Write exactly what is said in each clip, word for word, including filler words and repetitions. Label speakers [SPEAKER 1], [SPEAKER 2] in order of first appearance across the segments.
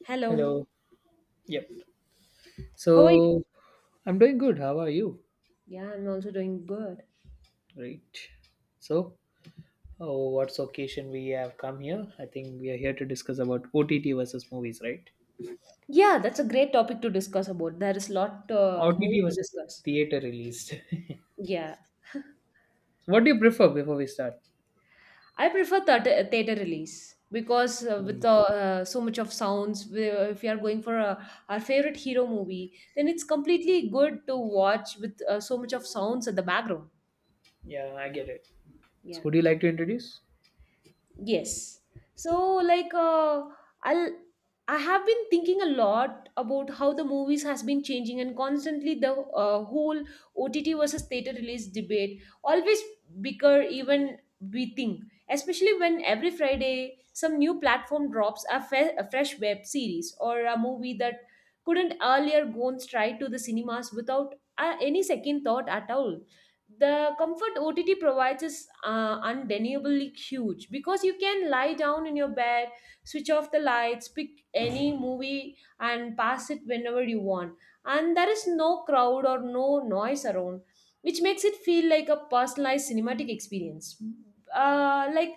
[SPEAKER 1] Hello.
[SPEAKER 2] Hello. Yep.
[SPEAKER 1] How are you?
[SPEAKER 2] So I'm doing good. How are you?
[SPEAKER 1] Yeah, I'm also doing good.
[SPEAKER 2] Great. So, oh, what's the occasion we have come here? I think we are here to discuss about O T T versus movies, right?
[SPEAKER 1] Yeah, that's a great topic to discuss about. There is lot uh, more
[SPEAKER 2] O T T
[SPEAKER 1] to
[SPEAKER 2] versus
[SPEAKER 1] discuss.
[SPEAKER 2] theater released.
[SPEAKER 1] Yeah,
[SPEAKER 2] So what do you prefer before we start?
[SPEAKER 1] I prefer theater, theater release because uh,
[SPEAKER 2] Hmm.
[SPEAKER 1] with uh, uh, so much of sounds, we, if you are going for a, our favorite hero movie, then it's completely good to watch with uh, so much of sounds at the background.
[SPEAKER 2] Yeah, I get it. So,
[SPEAKER 1] Yeah.
[SPEAKER 2] would you like to introduce?
[SPEAKER 1] Yes. So like uh, I'll I have been thinking a lot about how the movies has been changing and constantly the uh, whole O T T versus theater release debate always bigger even we think, especially when every Friday some new platform drops a, fe- a fresh web series or a movie that couldn't earlier go on straight to the cinemas without uh, any second thought at all. The comfort O T T provides is uh, undeniably huge because you can lie down in your bed, switch off the lights, pick any movie, and pass it whenever you want. And there is no crowd or no noise around, which makes it feel like a personalized cinematic experience. Uh, like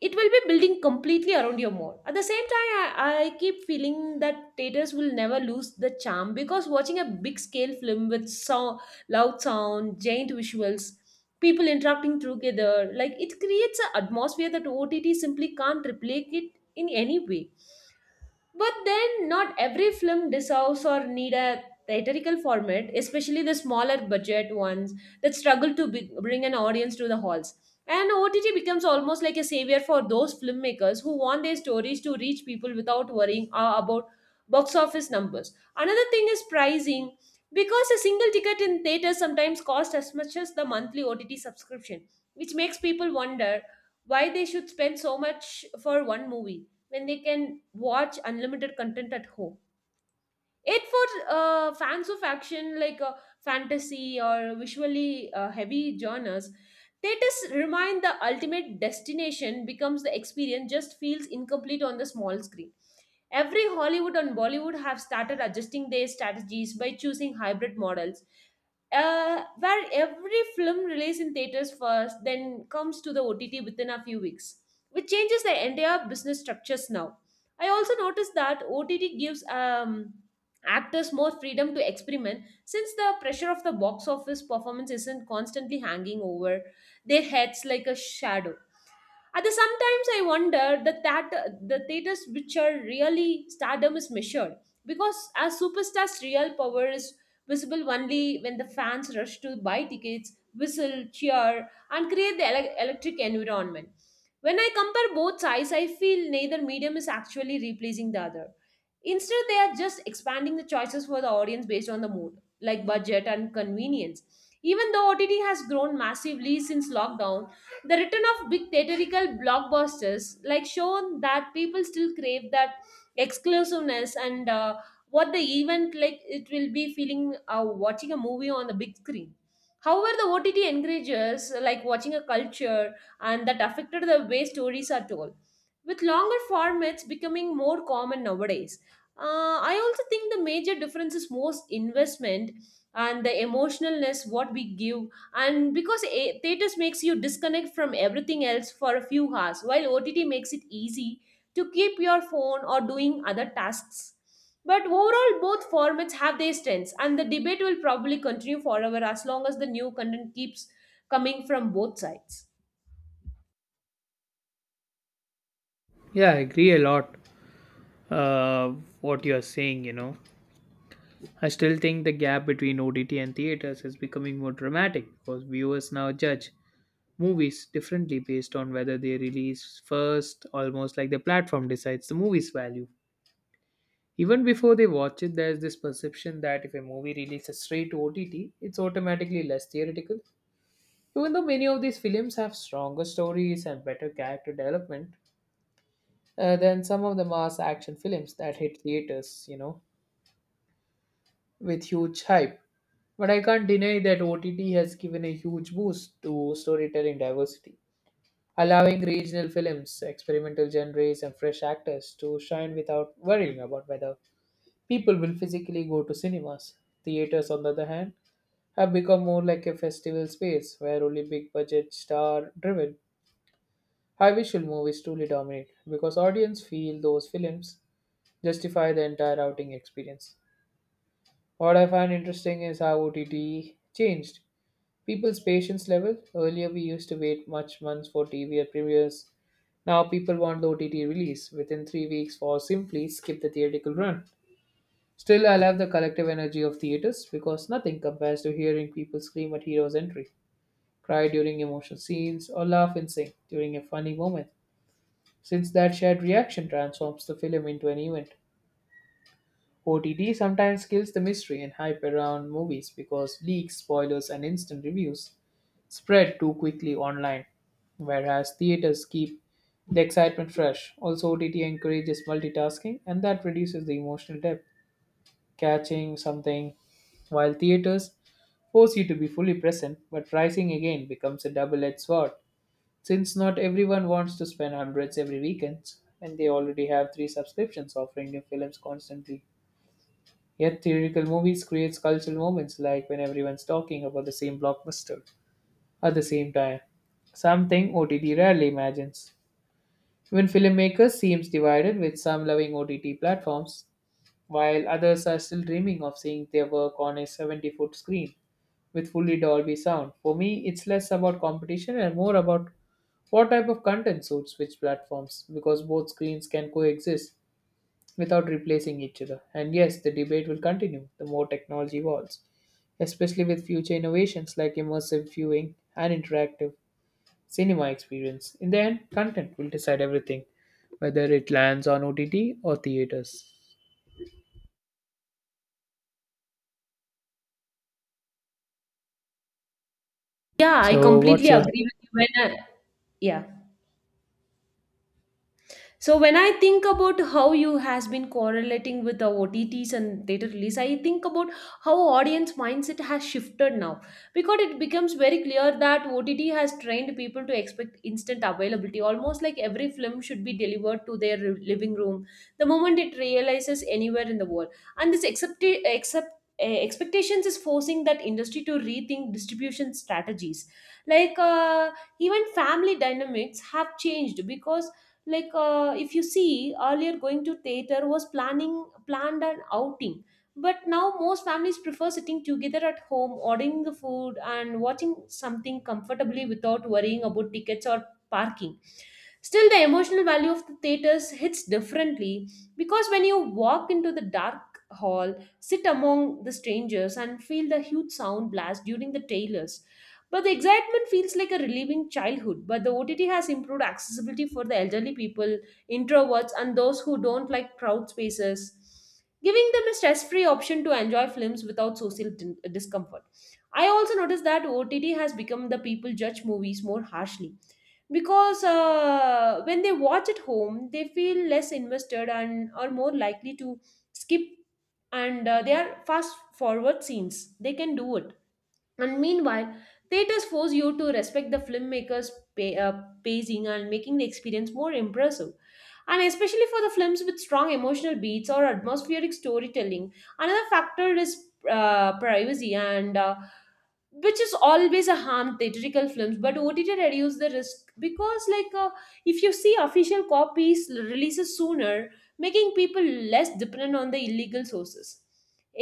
[SPEAKER 1] it will be building completely around your mall. At the same time, I, I keep feeling that theaters will never lose the charm because watching a big scale film with so loud sound, giant visuals, people interacting together, like it creates an atmosphere that O T T simply can't replicate it in any way. But then, not every film deserves or need a theatrical format, especially the smaller budget ones that struggle to be- bring an audience to the halls. And O T T becomes almost like a savior for those filmmakers who want their stories to reach people without worrying uh, about box office numbers. Another thing is pricing, because a single ticket in theaters sometimes costs as much as the monthly O T T subscription, which makes people wonder why they should spend so much for one movie when they can watch unlimited content at home. It for uh, fans of action, like uh, fantasy or visually uh, heavy genres, theaters remind the ultimate destination becomes the experience just feels incomplete on the small screen. Every Hollywood and Bollywood have started adjusting their strategies by choosing hybrid models, uh, where every film released in theaters first, then comes to the O T T within a few weeks, which changes the entire business structures now. I also noticed that O T T gives um, actors more freedom to experiment since the pressure of the box office performance isn't constantly hanging over their heads like a shadow. At the sometimes I wonder that that the theaters which are really stardom is measured because a superstar's real power is visible only when the fans rush to buy tickets, whistle, cheer, and create the ele- electric environment. When I compare both sides, I feel neither medium is actually replacing the other. Instead, they are just expanding the choices for the audience based on the mood, like budget and convenience. Even though O T T has grown massively since lockdown, the return of big theatrical blockbusters like shown that people still crave that exclusiveness and uh, what the event like it will be feeling uh, watching a movie on the big screen. However, the O T T encourages like watching a culture and that affected the way stories are told. With longer formats becoming more common nowadays, uh, I also think the major difference is most investment and the emotionalness what we give, and because a- theaters makes you disconnect from everything else for a few hours while ott makes it easy to keep your phone or doing other tasks. But overall both formats have their strengths and the debate will probably continue forever as long as the new content keeps coming from both sides.
[SPEAKER 2] Yeah, I agree a lot. Uh, what you are saying, you know, I still think the gap between O T T and theaters is becoming more dramatic because viewers now judge movies differently based on whether they release first, almost like the platform decides the movie's value. Even before they watch it, there's this perception that if a movie releases straight to O T T, it's automatically less theoretical. Even though many of these films have stronger stories and better character development uh, than some of the mass action films that hit theaters, you know, with huge hype. But I can't deny that O T T has given a huge boost to storytelling diversity, allowing regional films, experimental genres, and fresh actors to shine without worrying about whether people will physically go to cinemas. Theaters, on the other hand, have become more like a festival space where only big budget, star driven, high visual movies truly dominate because audience feel those films justify the entire outing experience. What I find interesting is how O T T changed people's patience level. Earlier, we used to wait much months for T V at premieres. Now, people want the O T T release within three weeks or simply skip the theatrical run. Still, I love the collective energy of theaters because nothing compares to hearing people scream at hero's entry, cry during emotional scenes, or laugh and sing during a funny moment, since that shared reaction transforms the film into an event. O T T sometimes kills the mystery and hype around movies because leaks, spoilers, and instant reviews spread too quickly online, whereas theaters keep the excitement fresh. Also, O T T encourages multitasking and that reduces the emotional depth. Catching something while theaters force you to be fully present, but pricing again becomes a double edged sword since not everyone wants to spend hundreds every weekend and they already have three subscriptions offering new films constantly. Yet theatrical movies creates cultural moments like when everyone's talking about the same blockbuster at the same time, something O T T rarely imagines. Even filmmakers seems divided with some loving O T T platforms, while others are still dreaming of seeing their work on a seventy-foot screen with fully Dolby sound. For me, it's less about competition and more about what type of content suits which platforms because both screens can coexist without replacing each other. And yes, the debate will continue the more technology evolves, especially with future innovations like immersive viewing and interactive cinema experience. In the end, content will decide everything, whether it lands on O T T or theaters.
[SPEAKER 1] Yeah, I
[SPEAKER 2] So, what's
[SPEAKER 1] completely
[SPEAKER 2] your
[SPEAKER 1] agree with you when I, yeah. So when I think about how you has been correlating with the O T Ts and data release, I think about how audience mindset has shifted now because it becomes very clear that O T T has trained people to expect instant availability, almost like every film should be delivered to their living room the moment it realizes anywhere in the world. And this accept accept uh, expectations is forcing that industry to rethink distribution strategies. like uh, Even family dynamics have changed, because like uh, if you see earlier going to theater was planning planned an outing, but now most families prefer sitting together at home ordering the food and watching something comfortably without worrying about tickets or parking. Still, the emotional value of the theaters hits differently because when you walk into the dark hall, sit among the strangers, and feel the huge sound blast during the trailers. But the excitement feels like a relieving childhood. But the O T T has improved accessibility for the elderly people, introverts, and those who don't like crowd spaces, giving them a stress free option to enjoy films without social din- discomfort. I also noticed that O T T has become the people judge movies more harshly because uh, when they watch at home they feel less invested and are more likely to skip, and uh, they are fast forward scenes they can do it. And meanwhile, theaters force you to respect the filmmaker's pa- uh, pacing and making the experience more impressive. And especially for the films with strong emotional beats or atmospheric storytelling, another factor is uh, privacy and uh, which is always a harm theatrical films but ott reduce the risk because like uh, if you see official copies releases sooner, making people less dependent on the illegal sources.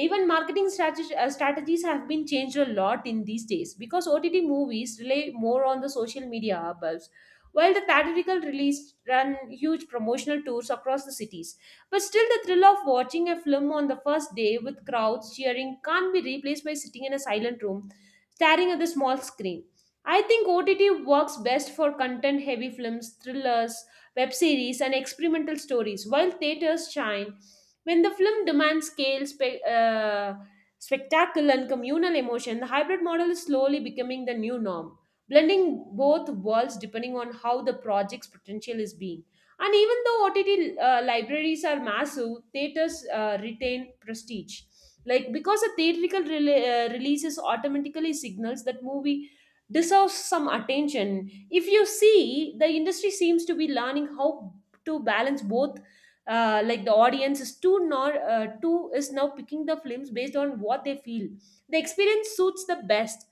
[SPEAKER 1] Even marketing strateg- uh, strategies have been changed a lot in these days because O T T movies rely more on the social media buzz, while the theatrical release run huge promotional tours across the cities. But still, the thrill of watching a film on the first day with crowds cheering can't be replaced by sitting in a silent room staring at the small screen. I think O T T works best for content heavy films, thrillers, web series, and experimental stories, while theaters shine when the film demands scale, spe- uh, spectacle, and communal emotion. The hybrid model is slowly becoming the new norm, blending both worlds depending on how the project's potential is being. And even though O T T uh, libraries are massive, theaters uh, retain prestige. Like because a theatrical rele- uh, releases automatically signals that movie deserves some attention. If you see, the industry seems to be learning how to balance both, uh, like the audience is too nor uh, too is now picking the films based on what they feel the experience suits the best.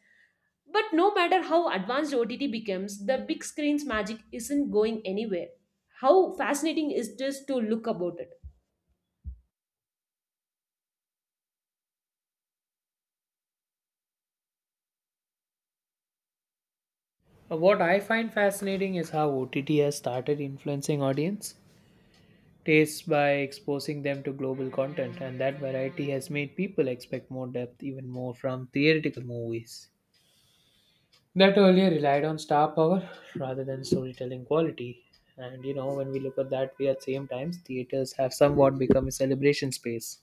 [SPEAKER 1] But no matter how advanced O T T becomes, the big screen's magic isn't going anywhere. How fascinating is this to look about it?
[SPEAKER 2] what I find fascinating is how O T T has started influencing audience tastes by exposing them to global content, and that variety has made people expect more depth, even more from theoretical movies that earlier relied on star power rather than storytelling quality. And you know, when we look at that we at same times, theaters have somewhat become a celebration space,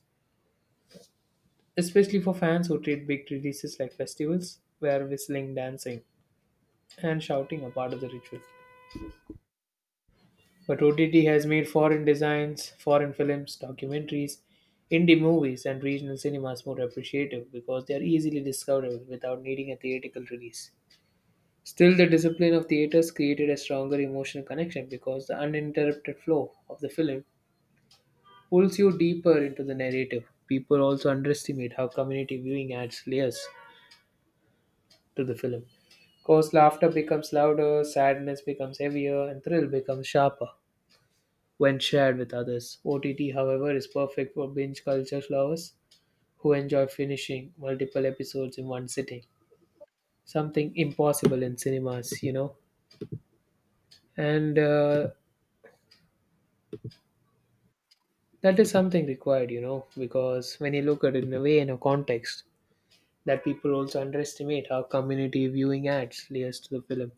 [SPEAKER 2] especially for fans who treat big releases like festivals, where whistling, dancing, and shouting are part of the ritual. But O T T has made foreign designs, foreign films, documentaries, indie movies, and regional cinemas more appreciative because they are easily discoverable without needing a theatrical release. Still, the discipline of theaters created a stronger emotional connection because the uninterrupted flow of the film pulls you deeper into the narrative. People also underestimate how community viewing adds layers to the film, because laughter becomes louder, sadness becomes heavier, and thrill becomes sharper when shared with others. O T T, however, is perfect for binge culture lovers who enjoy finishing multiple episodes in one sitting. Something impossible in cinemas, you know. And uh, That is something required, you know, because when you look at it in a way in a context, that people also underestimate how community viewing adds layers to the film.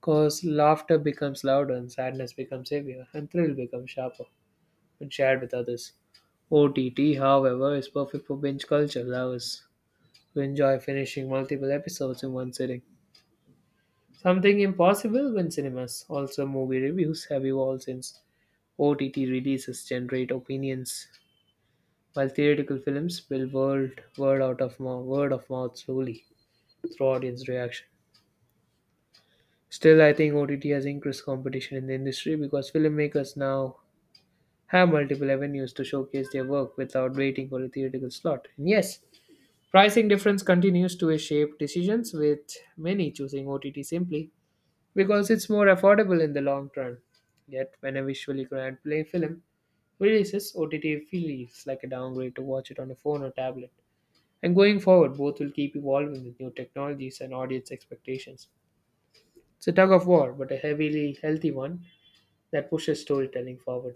[SPEAKER 2] Because laughter becomes louder and sadness becomes heavier and thrill becomes sharper when shared with others. O T T, however, is perfect for binge culture lovers who enjoy finishing multiple episodes in one sitting. Something impossible when cinemas, also movie reviews, have evolved since O T T releases generate opinions while theatrical films build word word out of mouth, word of mouth slowly through audience reaction. Still, I think O T T has increased competition in the industry because filmmakers now have multiple avenues to showcase their work without waiting for a theatrical slot. And yes, pricing difference continues to shape decisions with many choosing O T T simply because it's more affordable in the long run. Yet, when a visually grand play film releases, O T T feels like a downgrade to watch it on a phone or tablet. And going forward, both will keep evolving with new technologies and audience expectations. It's a tug of war, but a heavily healthy one that pushes storytelling forward.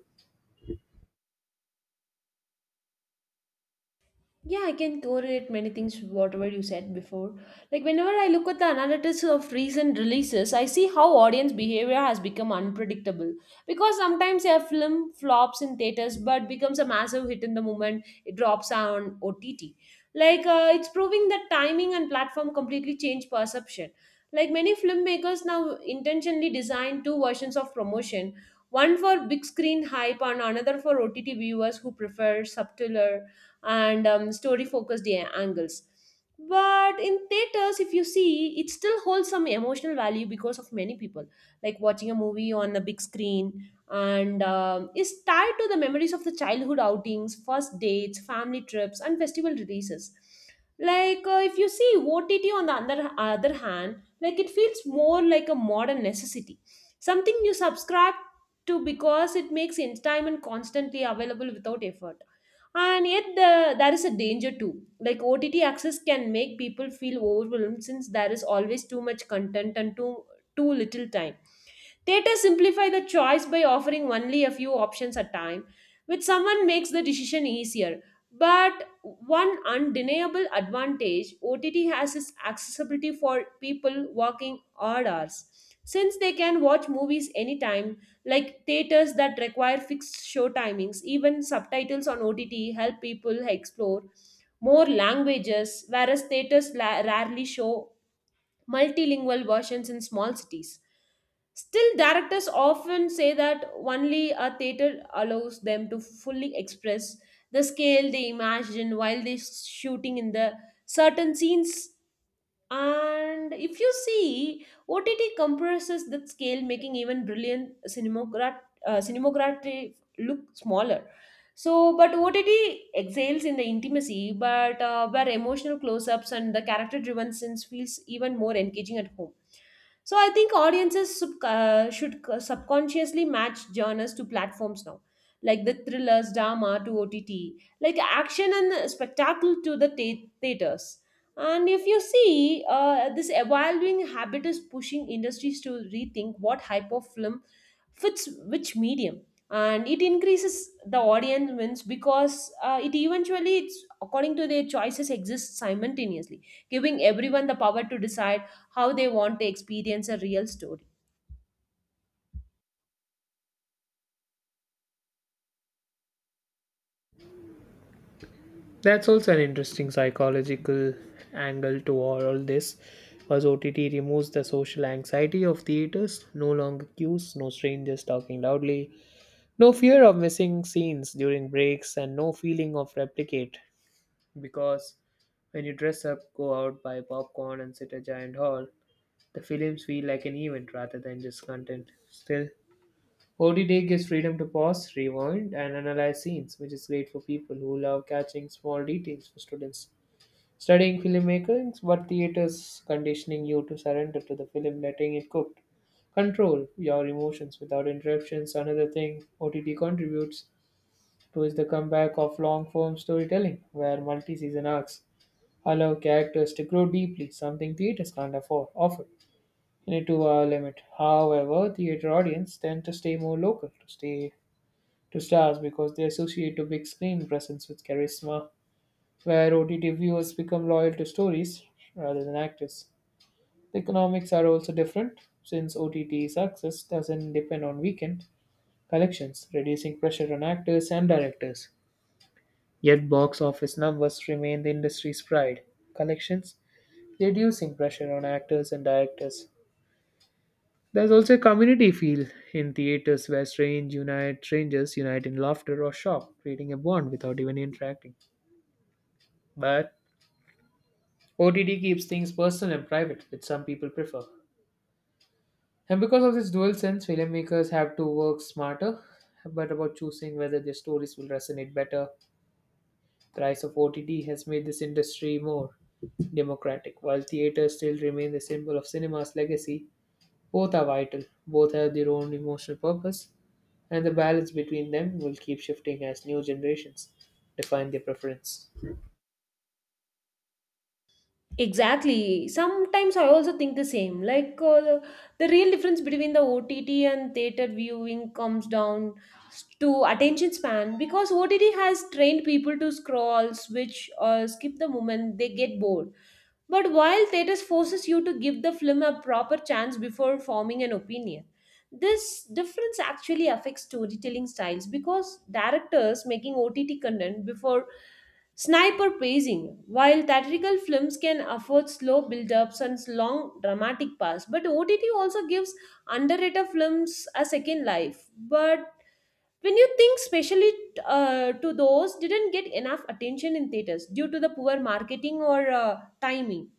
[SPEAKER 1] Yeah, I can correlate many things with whatever you said before. Like whenever I look at the analytics of recent releases, I see how audience behavior has become unpredictable. Because sometimes a film flops in theaters but becomes a massive hit in the moment it drops on O T T. Like uh, it's proving that timing and platform completely change perception. Like many filmmakers now intentionally design two versions of promotion, one for big screen hype and another for O T T viewers who prefer subtler and um, story focused angles. But in theaters if you see it still holds some emotional value because of many people like watching a movie on the big screen and um, is tied to the memories of the childhood outings, first dates, family trips, and festival releases. Like uh, if you see ott on the other, other hand, like it feels more like a modern necessity, something you subscribe to because it makes entertainment constantly available without effort. And yet the, there is a danger too, like ott access can make people feel overwhelmed since there is always too much content and too too little time. Theaters simplify the choice by offering only a few options at a time, which someone makes the decision easier. But one undeniable advantage O T T has is accessibility for people working odd hours. Since they can watch movies anytime, like theaters that require fixed show timings, even subtitles on O T T help people explore more languages, whereas theaters la- rarely show multilingual versions in small cities. Still, directors often say that only a theater allows them to fully express the scale they imagine while they shooting in the certain scenes. And if you see, O T T compresses that scale, making even brilliant cinemograt- uh, cinematography look smaller. So, but O T T exhales in the intimacy, but uh, where emotional close ups and the character driven scenes feels even more engaging at home. So, I think audiences sub- uh, should c- subconsciously match genres to platforms now, like the thrillers, drama to O T T, like action and spectacle to the thea- theaters. And if you see, uh, this evolving habit is pushing industries to rethink what type of film fits which medium, and it increases the audience wins because uh, it eventually, it's according to their choices, exists simultaneously, giving everyone the power to decide how they want to experience a real story.
[SPEAKER 2] That's also an interesting psychological angle to all all this, because O T T removes the social anxiety of theaters, no longer queues, no strangers talking loudly, no fear of missing scenes during breaks, and no feeling of replicate because when you dress up, go out, buy popcorn, and sit a giant hall, the films feel like an event rather than just content. Still, O T T gives freedom to pause, rewind, and analyze scenes, which is great for people who love catching small details for students. Studying filmmaking, but theaters conditioning you to surrender to the film, letting it cook. Control your emotions without interruptions. Another thing O T T contributes to is the comeback of long form storytelling, where multi season arcs allow characters to grow deeply, something theaters can't afford, offer in a two-hour limit. However, theater audience tend to stay more local, to stay to stars because they associate a big screen presence with charisma, where O T T viewers become loyal to stories rather than actors. The economics are also different since O T T success doesn't depend on weekend collections, reducing pressure on actors and directors. Yet box office numbers remain the industry's pride. Collections reducing pressure on actors and directors. There's also a community feel in theaters where strange unite, strangers unite in laughter or shock, creating a bond without even interacting. But O T T keeps things personal and private, which some people prefer. And because of this dual sense, filmmakers have to work smarter, but about choosing whether their stories will resonate better. The rise of O T T has made this industry more democratic, while theaters still remain the symbol of cinema's legacy. Both are vital, both have their own emotional purpose, and the balance between them will keep shifting as new generations define their preference.
[SPEAKER 1] Exactly. Sometimes I also think the same. Like uh, the, the real difference between the O T T and theater viewing comes down to attention span because O T T has trained people to scroll, switch, or skip the moment they get bored. But while theaters forces you to give the film a proper chance before forming an opinion, this difference actually affects storytelling styles because directors making O T T content before sniper pacing, while theatrical films can afford slow build-ups and long dramatic pass, but O T T also gives underrated films a second life. But when you think specially uh, to those didn't get enough attention in theaters due to the poor marketing or uh, timing.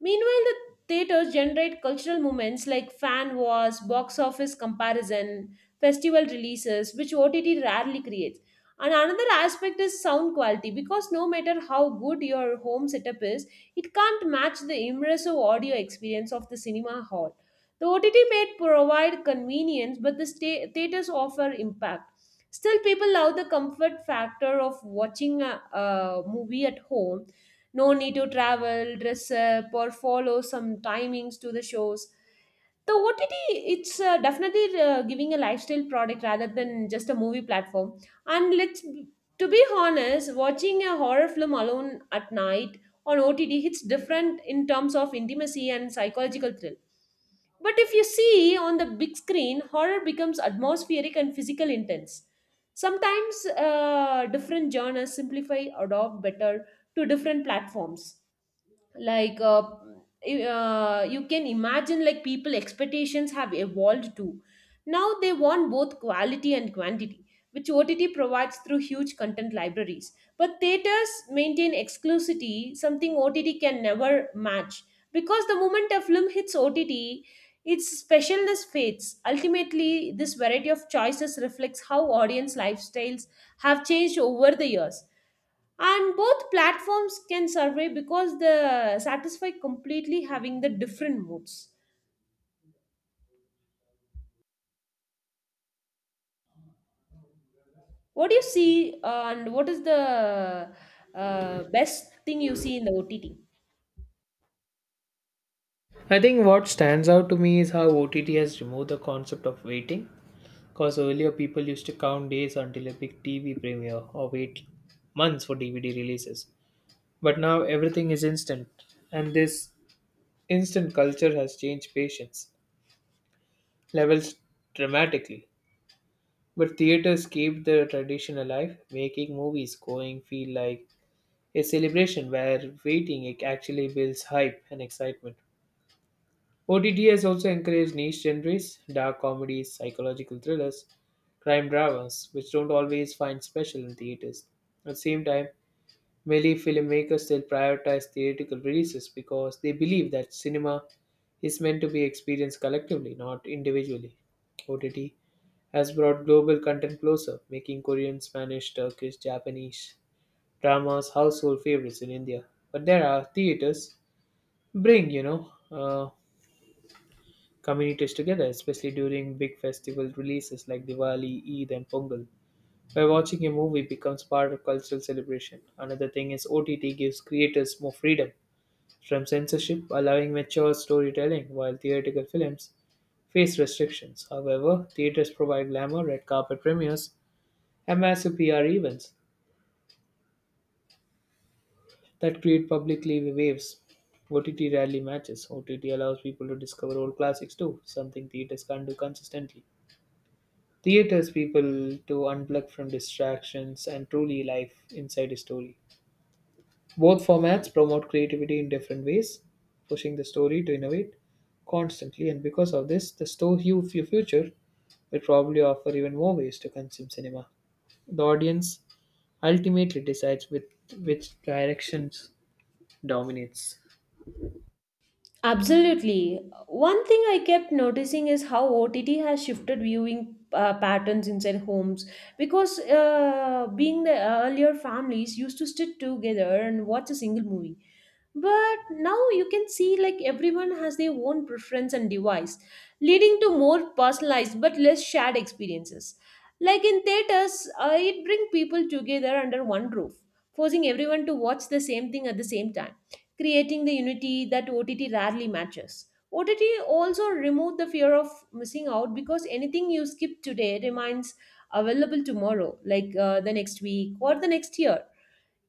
[SPEAKER 1] Meanwhile, the theaters generate cultural moments like fan wars, box office comparison, festival releases, which O T T rarely creates. And another aspect is sound quality because no matter how good your home setup is, it can't match the immersive audio experience of the cinema hall. The O T T may provide convenience, but the sta- theaters offer impact. Still, people love the comfort factor of watching a, a movie at home, no need to travel, dress up, or follow some timings to the shows. The O T T, it's uh, definitely uh, giving a lifestyle product rather than just a movie platform. And let's, to be honest, watching a horror film alone at night on O T T hits different in terms of intimacy and psychological thrill. But if you see on the big screen, horror becomes atmospheric and physical intense. Sometimes uh, different genres simplify, adopt better to different platforms, like uh, uh, you can imagine like people expectations have evolved too. Now they want both quality and quantity, which ott provides through huge content libraries, but theaters maintain exclusivity, something ott can never match, because the moment a film hits ott its specialness fades. Ultimately this variety of choices reflects how audience lifestyles have changed over the years, and both platforms can survey because they satisfy completely having the different moods. What do you see, uh, and what is the uh, best thing you see in the ott?
[SPEAKER 2] I think what stands out to me is how O T T has removed the concept of waiting, because earlier people used to count days until a big T V premiere or wait months for D V D releases. But now everything is instant, and this instant culture has changed patience levels dramatically. But theaters keep the tradition alive, making movies going feel like a celebration where waiting it actually builds hype and excitement. O T T has also encouraged niche genres, dark comedies, psychological thrillers, crime dramas, which don't always find special in theaters. At the same time, many filmmakers still prioritize theatrical releases because they believe that cinema is meant to be experienced collectively, not individually. O T T has brought global content closer, making Korean, Spanish, Turkish, Japanese dramas household favorites in India. But there are theaters bring you know uh, communities together, especially during big festival releases like Diwali, Eid, and Pongal, where watching a movie becomes part of cultural celebration. Another thing is O T T gives creators more freedom from censorship allowing mature storytelling, while theatrical films face restrictions. However, theaters provide glamour, red carpet premieres, and massive P R events that create publicly waves. O T T rarely matches. O T T allows people to discover old classics too, something theaters can't do consistently. Theaters people to unplug from distractions and truly live inside a story. Both formats promote creativity in different ways, pushing the story to innovate constantly, and because of this, the store hu- fu- future will probably offer even more ways to consume cinema. The audience ultimately decides with which directions dominates.
[SPEAKER 1] Absolutely. One thing I kept noticing is how O T T has shifted viewing uh, patterns inside homes, because uh, being the earlier families used to sit together and watch a single movie. But now you can see like everyone has their own preference and device, leading to more personalized but less shared experiences. Like in theaters, uh, it brings people together under one roof, forcing everyone to watch the same thing at the same time, creating the unity that O T T rarely matches. O T T also removed the fear of missing out because anything you skip today remains available tomorrow, like uh, the next week or the next year.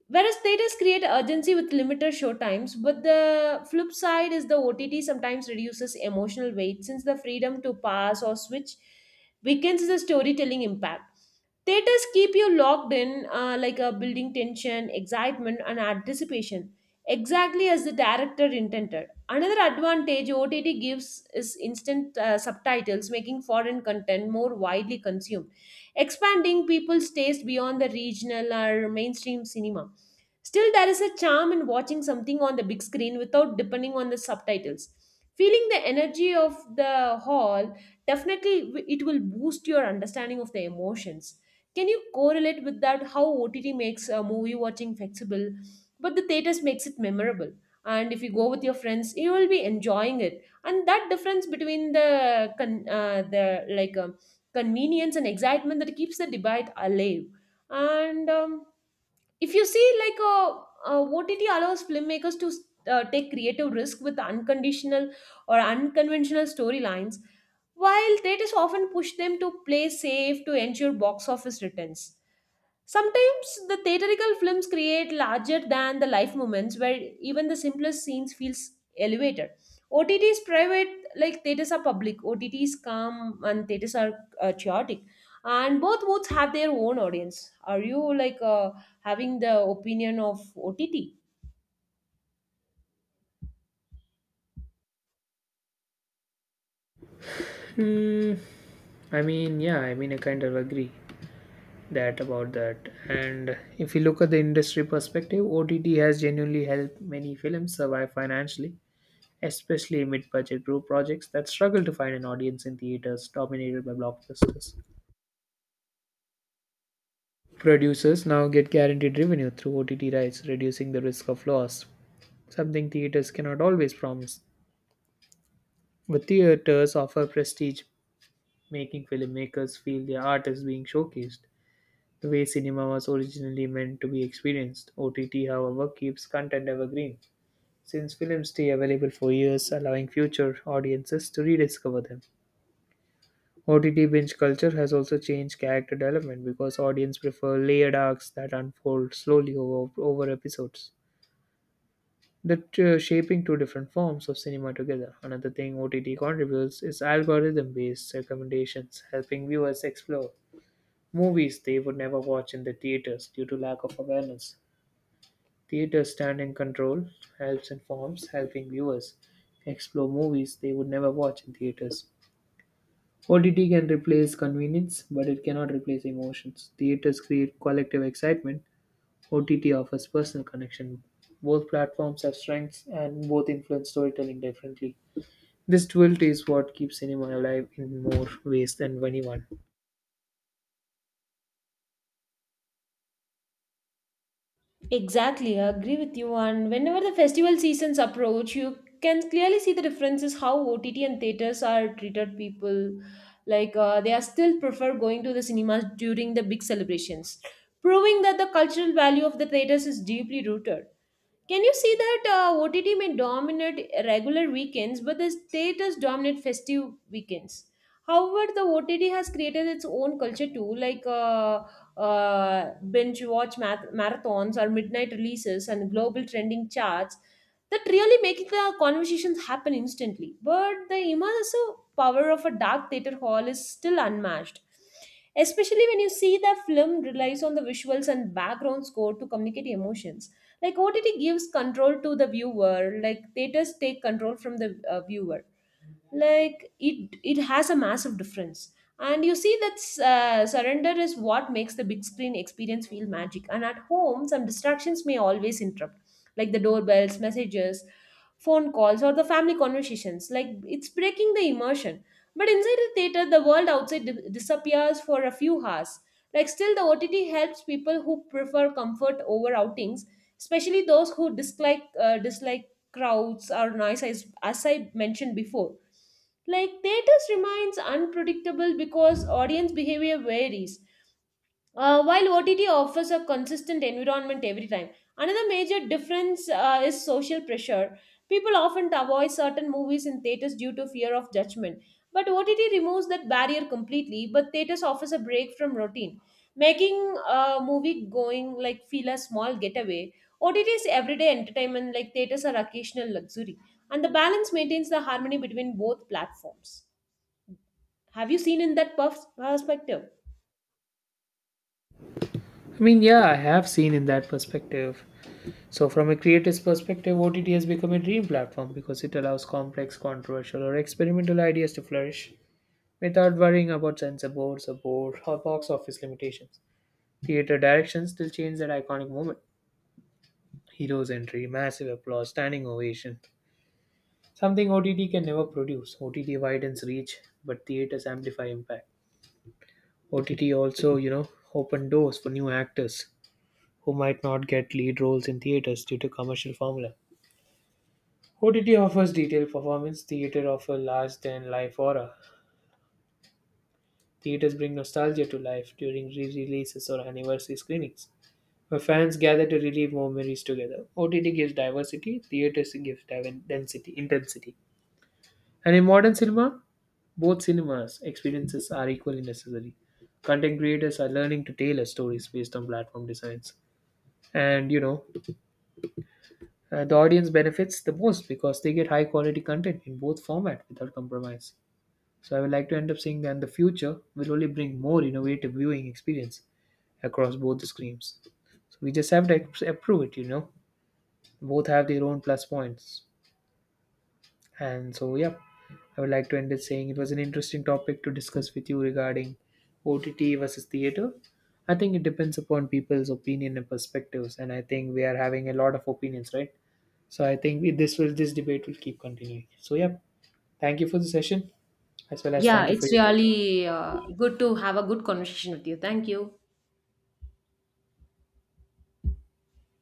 [SPEAKER 1] Whereas theaters create urgency with limited showtimes, but the flip side is the O T T sometimes reduces emotional weight since the freedom to pass or switch weakens the storytelling impact. Theaters keep you locked in, uh, like a building tension, excitement, and anticipation, exactly as the director intended. Another advantage O T T gives is instant uh, subtitles, making foreign content more widely consumed, expanding people's taste beyond the regional or mainstream cinema. Still, there is a charm in watching something on the big screen without depending on the subtitles. Feeling the energy of the hall, definitely w- it will boost your understanding of the emotions. Can you correlate with that how O T T makes a movie watching flexible, but the theaters makes it memorable? And if you go with your friends, you will be enjoying it. And that difference between the con- uh, the like um, convenience and excitement that keeps the debate alive. And um, If you see like a, a O T T allows filmmakers to uh, take creative risk with unconditional or unconventional storylines, while theaters often push them to play safe to ensure box office returns. Sometimes the theatrical films create larger than the life moments where even the simplest scenes feels elevated. O T T is private, like theaters are public. O T T is calm and theaters are uh, chaotic, and both modes have their own audience. Are you like uh, having the opinion of O T T?
[SPEAKER 2] Hmm. I mean, yeah, I mean, I kind of agree that about that. And if you look at the industry perspective, O T T has genuinely helped many films survive financially, especially mid-budget group projects that struggle to find an audience in theaters dominated by blockbusters. Producers now get guaranteed revenue through O T T rights, reducing the risk of loss, something theaters cannot always promise. But theaters offer prestige, making filmmakers feel their art is being showcased. The way cinema was originally meant to be experienced, O T T, however, keeps content evergreen, since films stay available for years, allowing future audiences to rediscover them. O T T binge culture has also changed character development because audience prefer layered arcs that unfold slowly over, over episodes, that uh, shaping two different forms of cinema together. Another thing O T T contributes is algorithm-based recommendations, helping viewers explore movies they would never watch in the theaters due to lack of awareness. Theater standing control helps informs helping viewers explore movies they would never watch in theaters. O T T can replace convenience, but it cannot replace emotions. Theaters create collective excitement. O T T offers personal connection. Both platforms have strengths and both influence storytelling differently. This duality is what keeps cinema alive in more ways than anyone.
[SPEAKER 1] Exactly, I agree with you. And whenever the festival seasons approach, you can clearly see the differences how O T T and theaters are treated people. Like uh, they are still prefer going to the cinemas during the big celebrations, proving that the cultural value of the theaters is deeply rooted. Can you see that, uh, O T T may dominate regular weekends, but the theaters dominate festive weekends? However, the O T T has created its own culture too, like uh, uh, binge watch math- marathons or midnight releases and global trending charts that really make the conversations happen instantly. But the immersive power of a dark theater hall is still unmatched, especially when you see the film relies on the visuals and background score to communicate emotions. Like ott gives control to the viewer, like theaters take control from the uh, viewer, like it it has a massive difference. And you see that, uh, surrender is what makes the big screen experience feel magic, and at home some distractions may always interrupt, like the doorbells, messages, phone calls or the family conversations, like it's breaking the immersion. But inside the theater the world outside di- disappears for a few hours. Like still the ott helps people who prefer comfort over outings, especially those who dislike uh, dislike crowds or noise, as, as I mentioned before. Like theaters remains unpredictable because audience behavior varies. Uh, while O T T offers a consistent environment every time, another major difference uh, is social pressure. People often avoid certain movies in theaters due to fear of judgment, but O T T removes that barrier completely. But theaters offers a break from routine, making uh, movie going like feel a small getaway. O T T is everyday entertainment, like theaters are occasional luxury, and the balance maintains the harmony between both platforms. Have you seen in that pers- perspective?
[SPEAKER 2] I mean, yeah, I have seen in that perspective. So, from a creator's perspective, O T T has become a dream platform because it allows complex, controversial, or experimental ideas to flourish without worrying about censor boards or board or box office limitations. Theater directions still change that iconic moment. Hero's entry, massive applause, standing ovation. Something O T T can never produce. O T T widens reach, but theaters amplify impact. O T T also, you know, open doors for new actors who might not get lead roles in theaters due to commercial formula. O T T offers detailed performance, theater offers large than life aura. Theaters bring nostalgia to life during re releases or anniversary screenings, where fans gather to relive memories together. O T T gives diversity, theaters gives div- density, intensity. And in modern cinema, both cinemas experiences are equally necessary. Content creators are learning to tailor stories based on platform designs. And you know, uh, the audience benefits the most because they get high quality content in both format without compromise. So I would like to end up saying that the future will only bring more innovative viewing experience across both the screens. So we just have to ap- approve it, you know. Both have their own plus points. And so, yeah, I would like to end it saying it was an interesting topic to discuss with you regarding O T T versus theater. I think it depends upon people's opinion and perspectives, and I think we are having a lot of opinions, right? So I think we, this will this debate will keep continuing. So yeah, thank you for the session as well as
[SPEAKER 1] Yeah,
[SPEAKER 2] thank you for
[SPEAKER 1] it's
[SPEAKER 2] your time.
[SPEAKER 1] really uh, good to have a good conversation with you. Thank you.